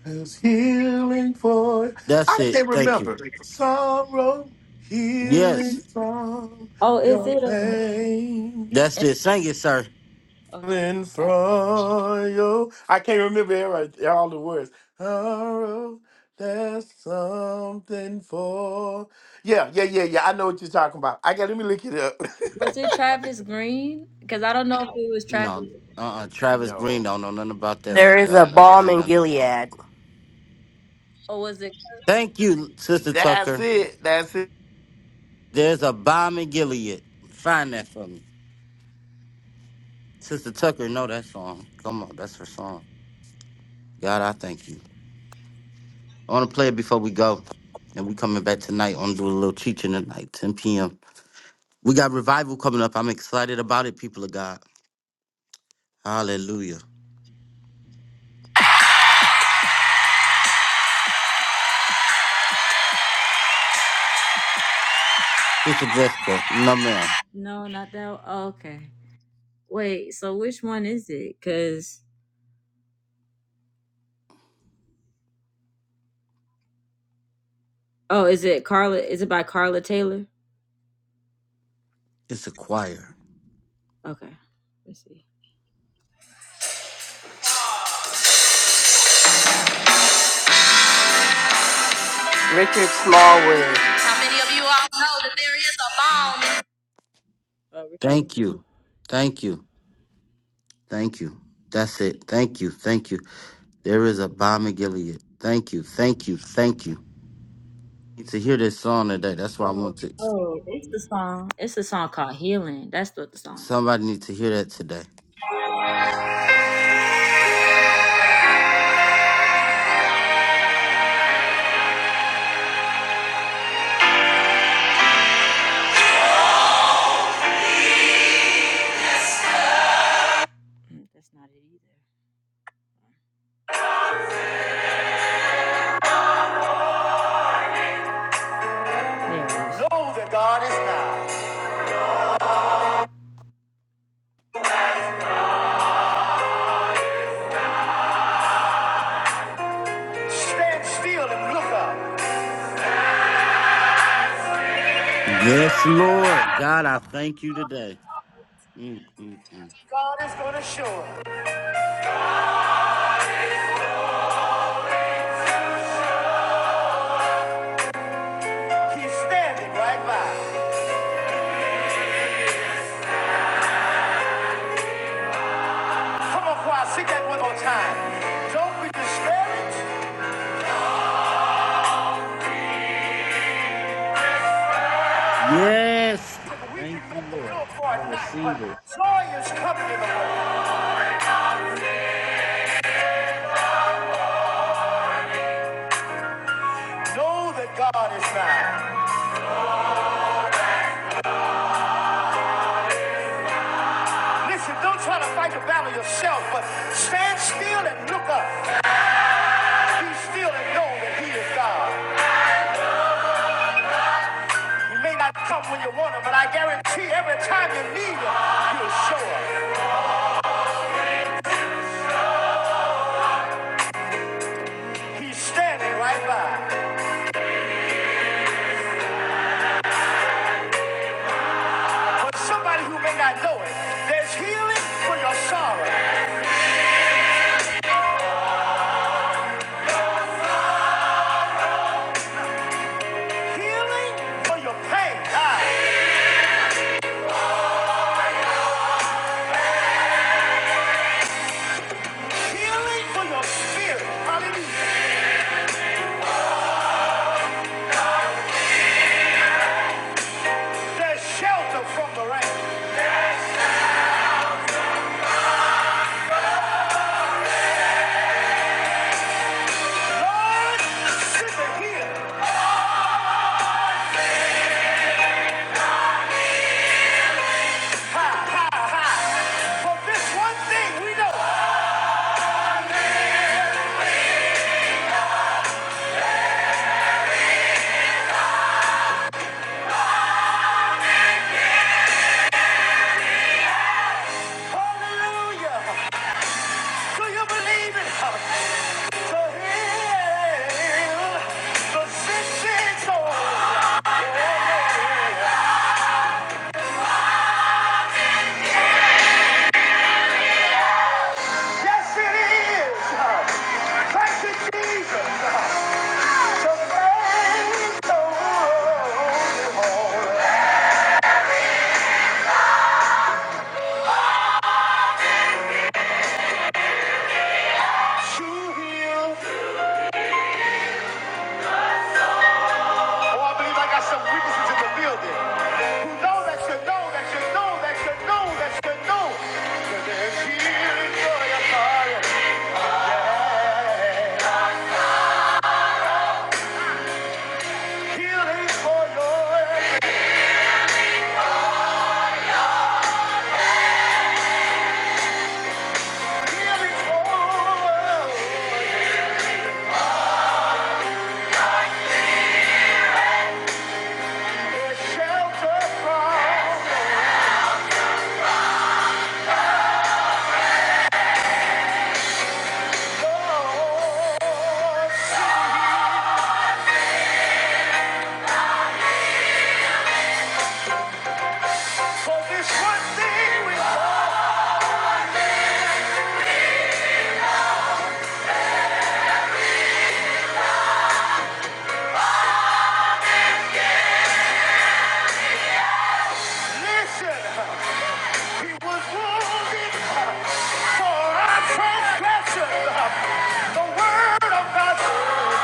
There's healing for
That's
I
it.
can't
Thank you.
remember. Sorrow, healing
Yes,
from
Oh, is
your
it? Um,
pain.
that's it. Sing it, sir.
okay,
Healing
got it.
from your I can't remember every- all the words. Sorrow, there's something for Yeah, yeah, yeah, yeah. I know what you're talking about. I got let me look it up.
Was it Travis Green? Because I don't know if it was Travis.
No, uh, uh Travis Green
no.
don't know nothing about that.
There
No,
is a
That, no, that
bomb
ain't
in
nothing. No.
Gilead.
or was it?
Thank you, Sister
That's
Tucker.
it. That's it.
There's a bomb in Gilead. Find that for me. Sister Tucker know that song. Come on, that's her song. God, I thank you. I want to play it before we go. And we coming back tonight on do a little teaching tonight, 10 p.m. We got revival coming up. I'm excited about it, people of God. Hallelujah. Sister Jessica, no ma'am.
No, not that. Oh, okay. Wait, so which one is it? Cause oh, is it Carla? Is it by Carla Taylor?
It's a choir.
Okay, let's see.
Richard Smallwood.
Uh, Richard
Thank
Smalley.
you. Thank you. Thank you. That's it. Thank you. Thank you. There is a bomb in Gilead. Thank you. Thank you. Thank you. Need to hear this song today. That's why I want to.
Oh, it's the song. It's a song called "Healing." That's what the song is.
Somebody need to hear that today.
Mm, That's not it either. There it is. Lord, stand still and look up.
Yes, Lord. God, I thank you today. Mm, mm, mm.
God is going to show up. He's standing right by. Come on, choir, sing that one more time. Don't be discouraged.
Yes.
We can
Thank you,
make the
Lord.
good for
I
a night, but
receive it.
joy is coming in the world. Know that God is nigh. Listen, don't try to fight the battle yourself, but stand still and look up. Be still and know that He is God. He may not come when you want Him, but I guarantee every time you need Him, He'll show up. He's standing right by. For somebody who may not know it, there's healing for your sorrow, healing for your pain, ah, healing for your spirit. Hallelujah. There's shelter from the rain. Lord, sit here. Ha, ha, ha. For this one thing we know. Hallelujah. Do you believe it? To heal the sick soul. Yes, it is. Thank you, Jesus. To make the world whole. To heal Oh, I believe I got some witnesses in the building who know that you know that you know that you know that you know that there's healing for your fire. Yeah. Healing for your healing for your shelter from the Lord. For this one thing we know. Listen, he was wounded for our transgression. The word of God,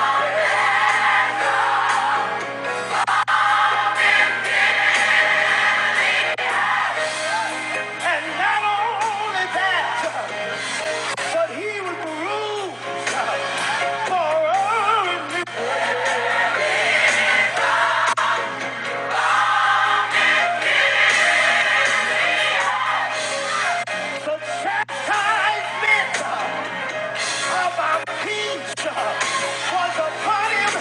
and not only that, but he was bruised for our iniquities. of our peace was upon him.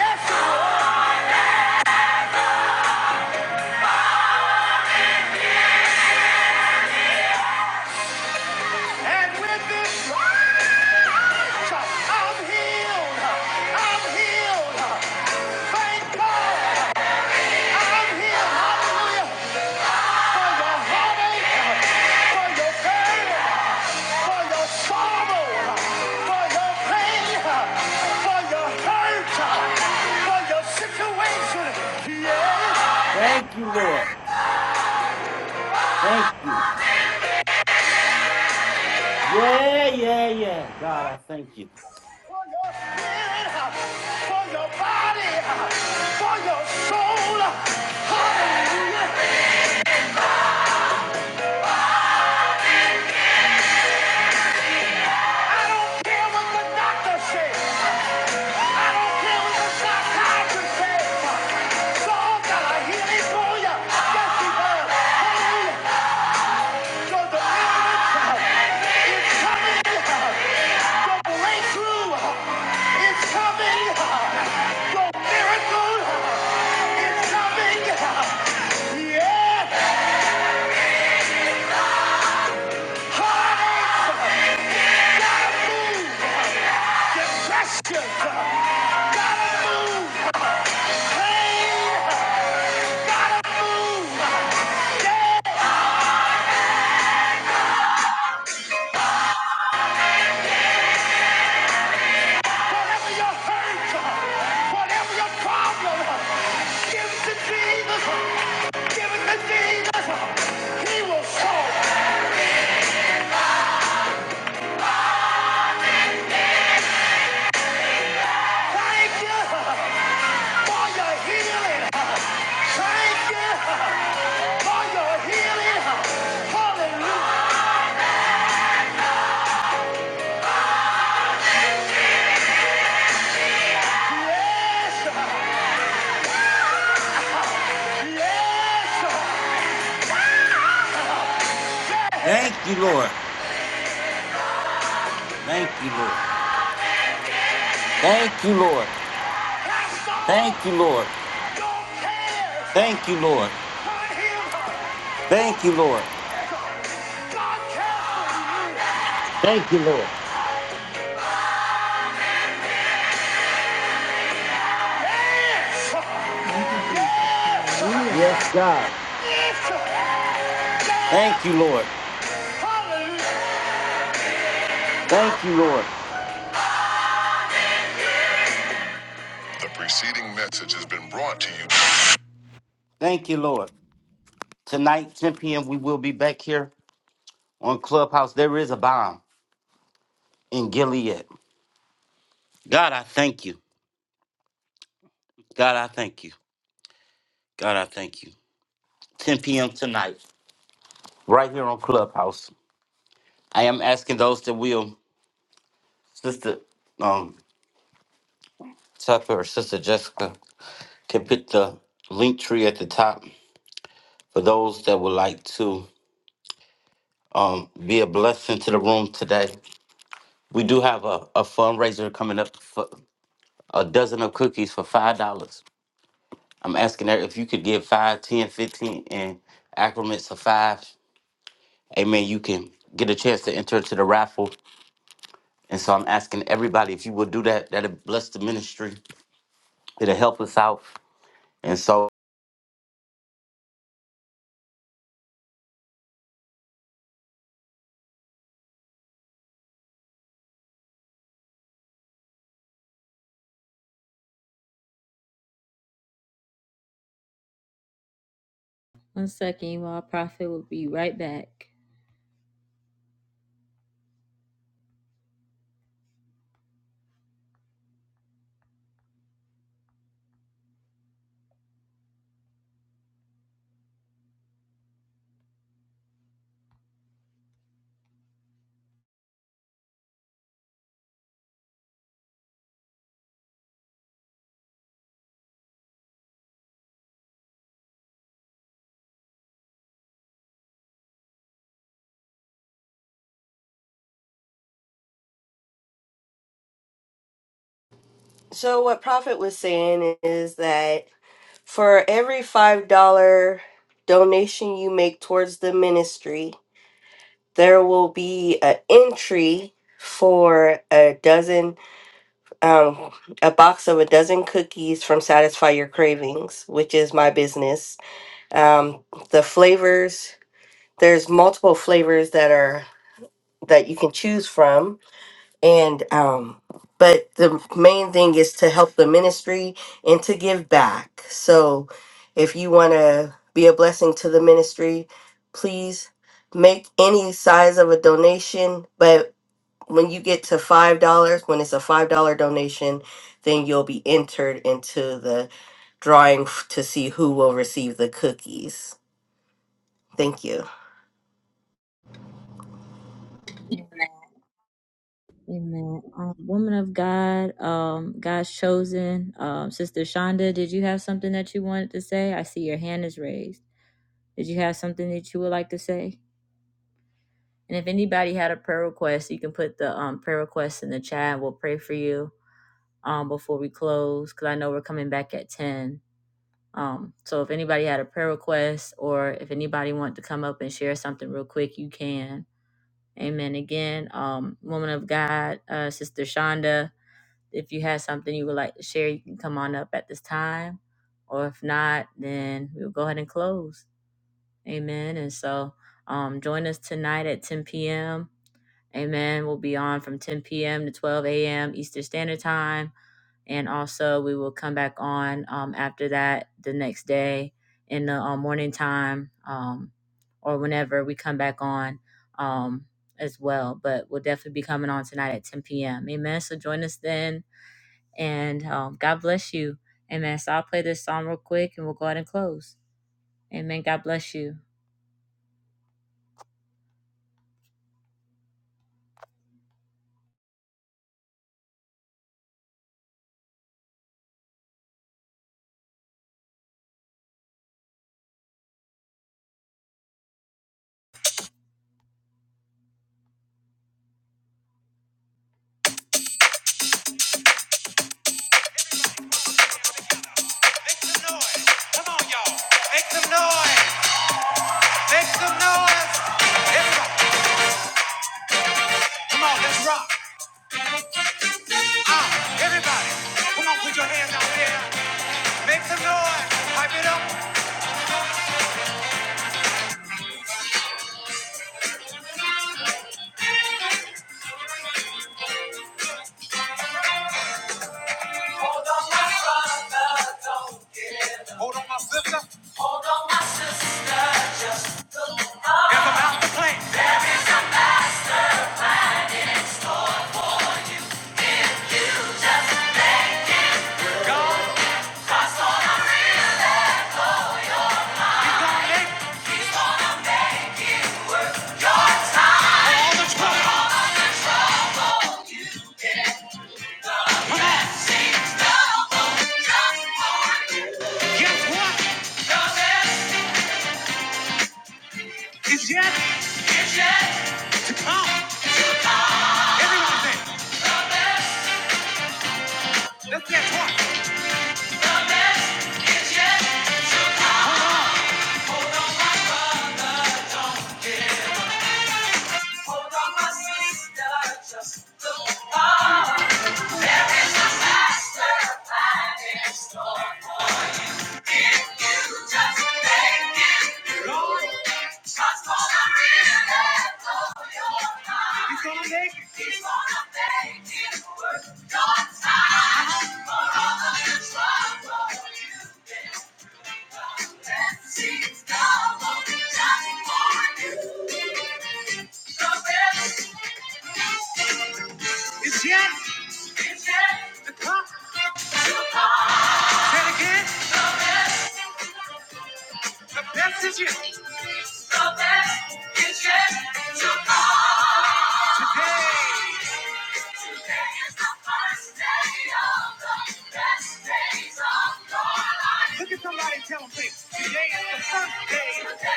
Yes, it and with this. I'm healed. I'm healed. Thank God. I'm healed. Hallelujah. For your heartache, for your pain, for your sorrow, for your pain, for your hurt, for your situation. Yes.
Thank you, Lord. Thank you. Yeah, yeah, yeah. God, I thank you.
For your spirit, for your body, for your soul. Hallelujah. I don't care what the doctor says. I don't care what the psychiatrist says. Saul got a healing for you. Yes, he does. Hallelujah. Your deliverance is coming. Your breakthrough is coming. Your miracle is coming. Yeah. gotta move. Depression gotta move. Pain got whatever your hurt, whatever your problem, give it to Jesus. Give it to Jesus. He will solve. Thank you for your healing. Thank you for your healing. Hallelujah. Yes, yes, yeah.
Thank you, Lord. Thank you, Lord. Thank you, Lord.
Cast all
Thank you, Lord.
your cares
Thank you, Lord.
on
Thank
him.
you, Lord. Thank you, Lord.
Yes.
Yes, God.
Yes.
Thank you, Lord. Thank you, Lord.
The preceding message has been brought to you.
Thank you, Lord. Tonight, 10 p.m., we will be back here on Clubhouse. There is a bomb. in Gilead. God, I thank you. God, I thank you. God, I thank you. 10 p.m. tonight, right here on Clubhouse. I am asking those that will, Sister um, Tucker or Sister Jessica, can put the link tree at the top for those that would like to um, be a blessing to the room today. We do have a, a fundraiser coming up for a dozen of cookies for $5. I'm asking that if you could give 5, 10, 15, and increments of 5 Amen. You can get a chance to enter into the raffle. And so I'm asking everybody if you will do that, that'll bless the ministry. It'll help us out. And so
One second, you all. Prophet will be right back.
So, what Prophet was saying is that for every $5 donation you make towards the ministry, there will be an entry for a dozen, um, a box of a dozen cookies from Satisfy Your Cravings, which is my business. Um, the flavors, there's multiple flavors that are that you can choose from and um but the main thing is to help the ministry and to give back so if you want to be a blessing to the ministry please make any size of a donation but when you get to five dollars when it's a five dollar donation then you'll be entered into the drawing f- to see who will receive the cookies thank you
Amen. Um, woman of God, um, God's chosen, um, Sister Shonda, did you have something that you wanted to say? I see your hand is raised. Did you have something that you would like to say? And if anybody had a prayer request, you can put the um, prayer request in the chat. We'll pray for you um, before we close because I know we're coming back at 10. Um, so if anybody had a prayer request or if anybody wanted to come up and share something real quick, you can. Amen. Again, um, woman of God, uh, Sister Shonda, if you had something you would like to share, you can come on up at this time. Or if not, then we'll go ahead and close. Amen. And so um, join us tonight at 10 p.m. Amen. We'll be on from 10 p.m. to 12 a.m. Eastern Standard Time and also we will come back on um, after that the next day in the um, morning time um, or whenever we come back on um, as well. But we'll definitely be coming on tonight at 10 p.m. Amen. So join us then, and um, God bless you. Amen. So I'll play this song real quick, and we'll go ahead and close. Amen. God bless you. Make some noise. Come on, y'all. Make some noise. Make some noise. Everybody, come on, let's rock. Ah, everybody, come on, put your hands out there. Make some noise. Hype it up. Hold on my sister. Hold on my sister. Just look up. There is a master plan in store for you. If you just make it through, transform a miracle your life. You're gonna make The best, Look at somebody and tell them, "Hey, today is the first day today is the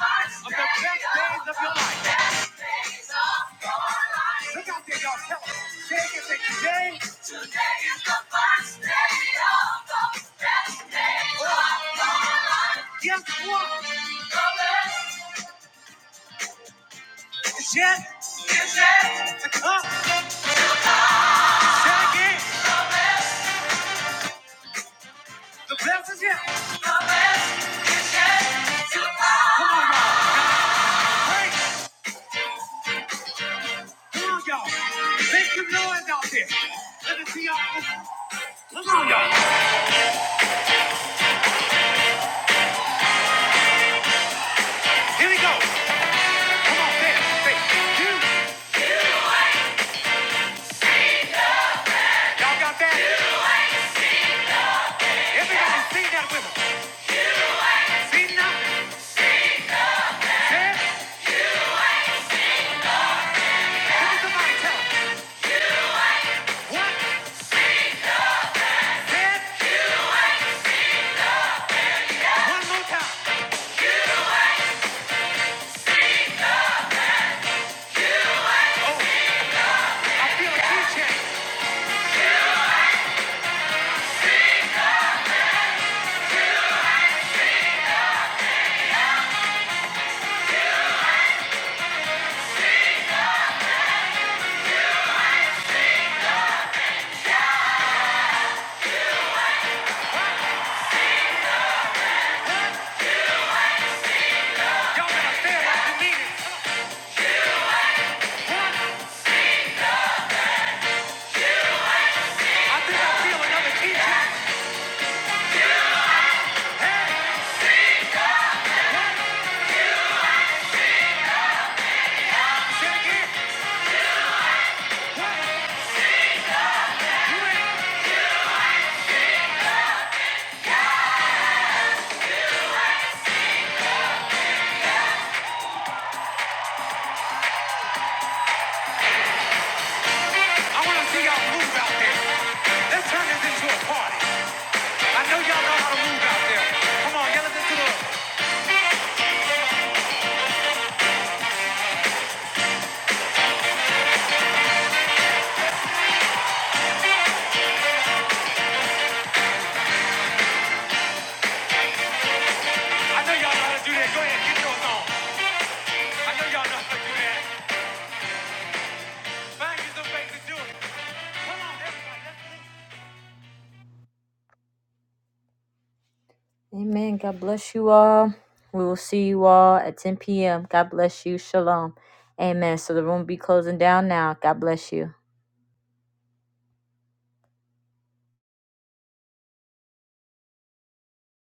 first of the best days of your life. Best days of your life. Look out there, y'all. Tell them. "Today is again, today. Today is the first day of the best days oh. of your life. Guess what? The best days, the best. Here we go. Come on, say it. Say, do. Y'all got that? Yeah. Everybody sing that with me. Seen nothing. Said. Look at somebody tell them. What? Said. One more time. I feel a key change. I want to see y'all move out there. Let's turn this into a party. I know y'all know how to move out there. Come on, yell at this to the. I know y'all know how to do that. Go ahead, get yours on. I know y'all know how to do that. Find you some ways to do it. Come on, everybody. Let's do it. Amen. God bless you all. We will see you all at 10 p.m. God bless you. Shalom. Amen. So the room will be closing down now. God bless you.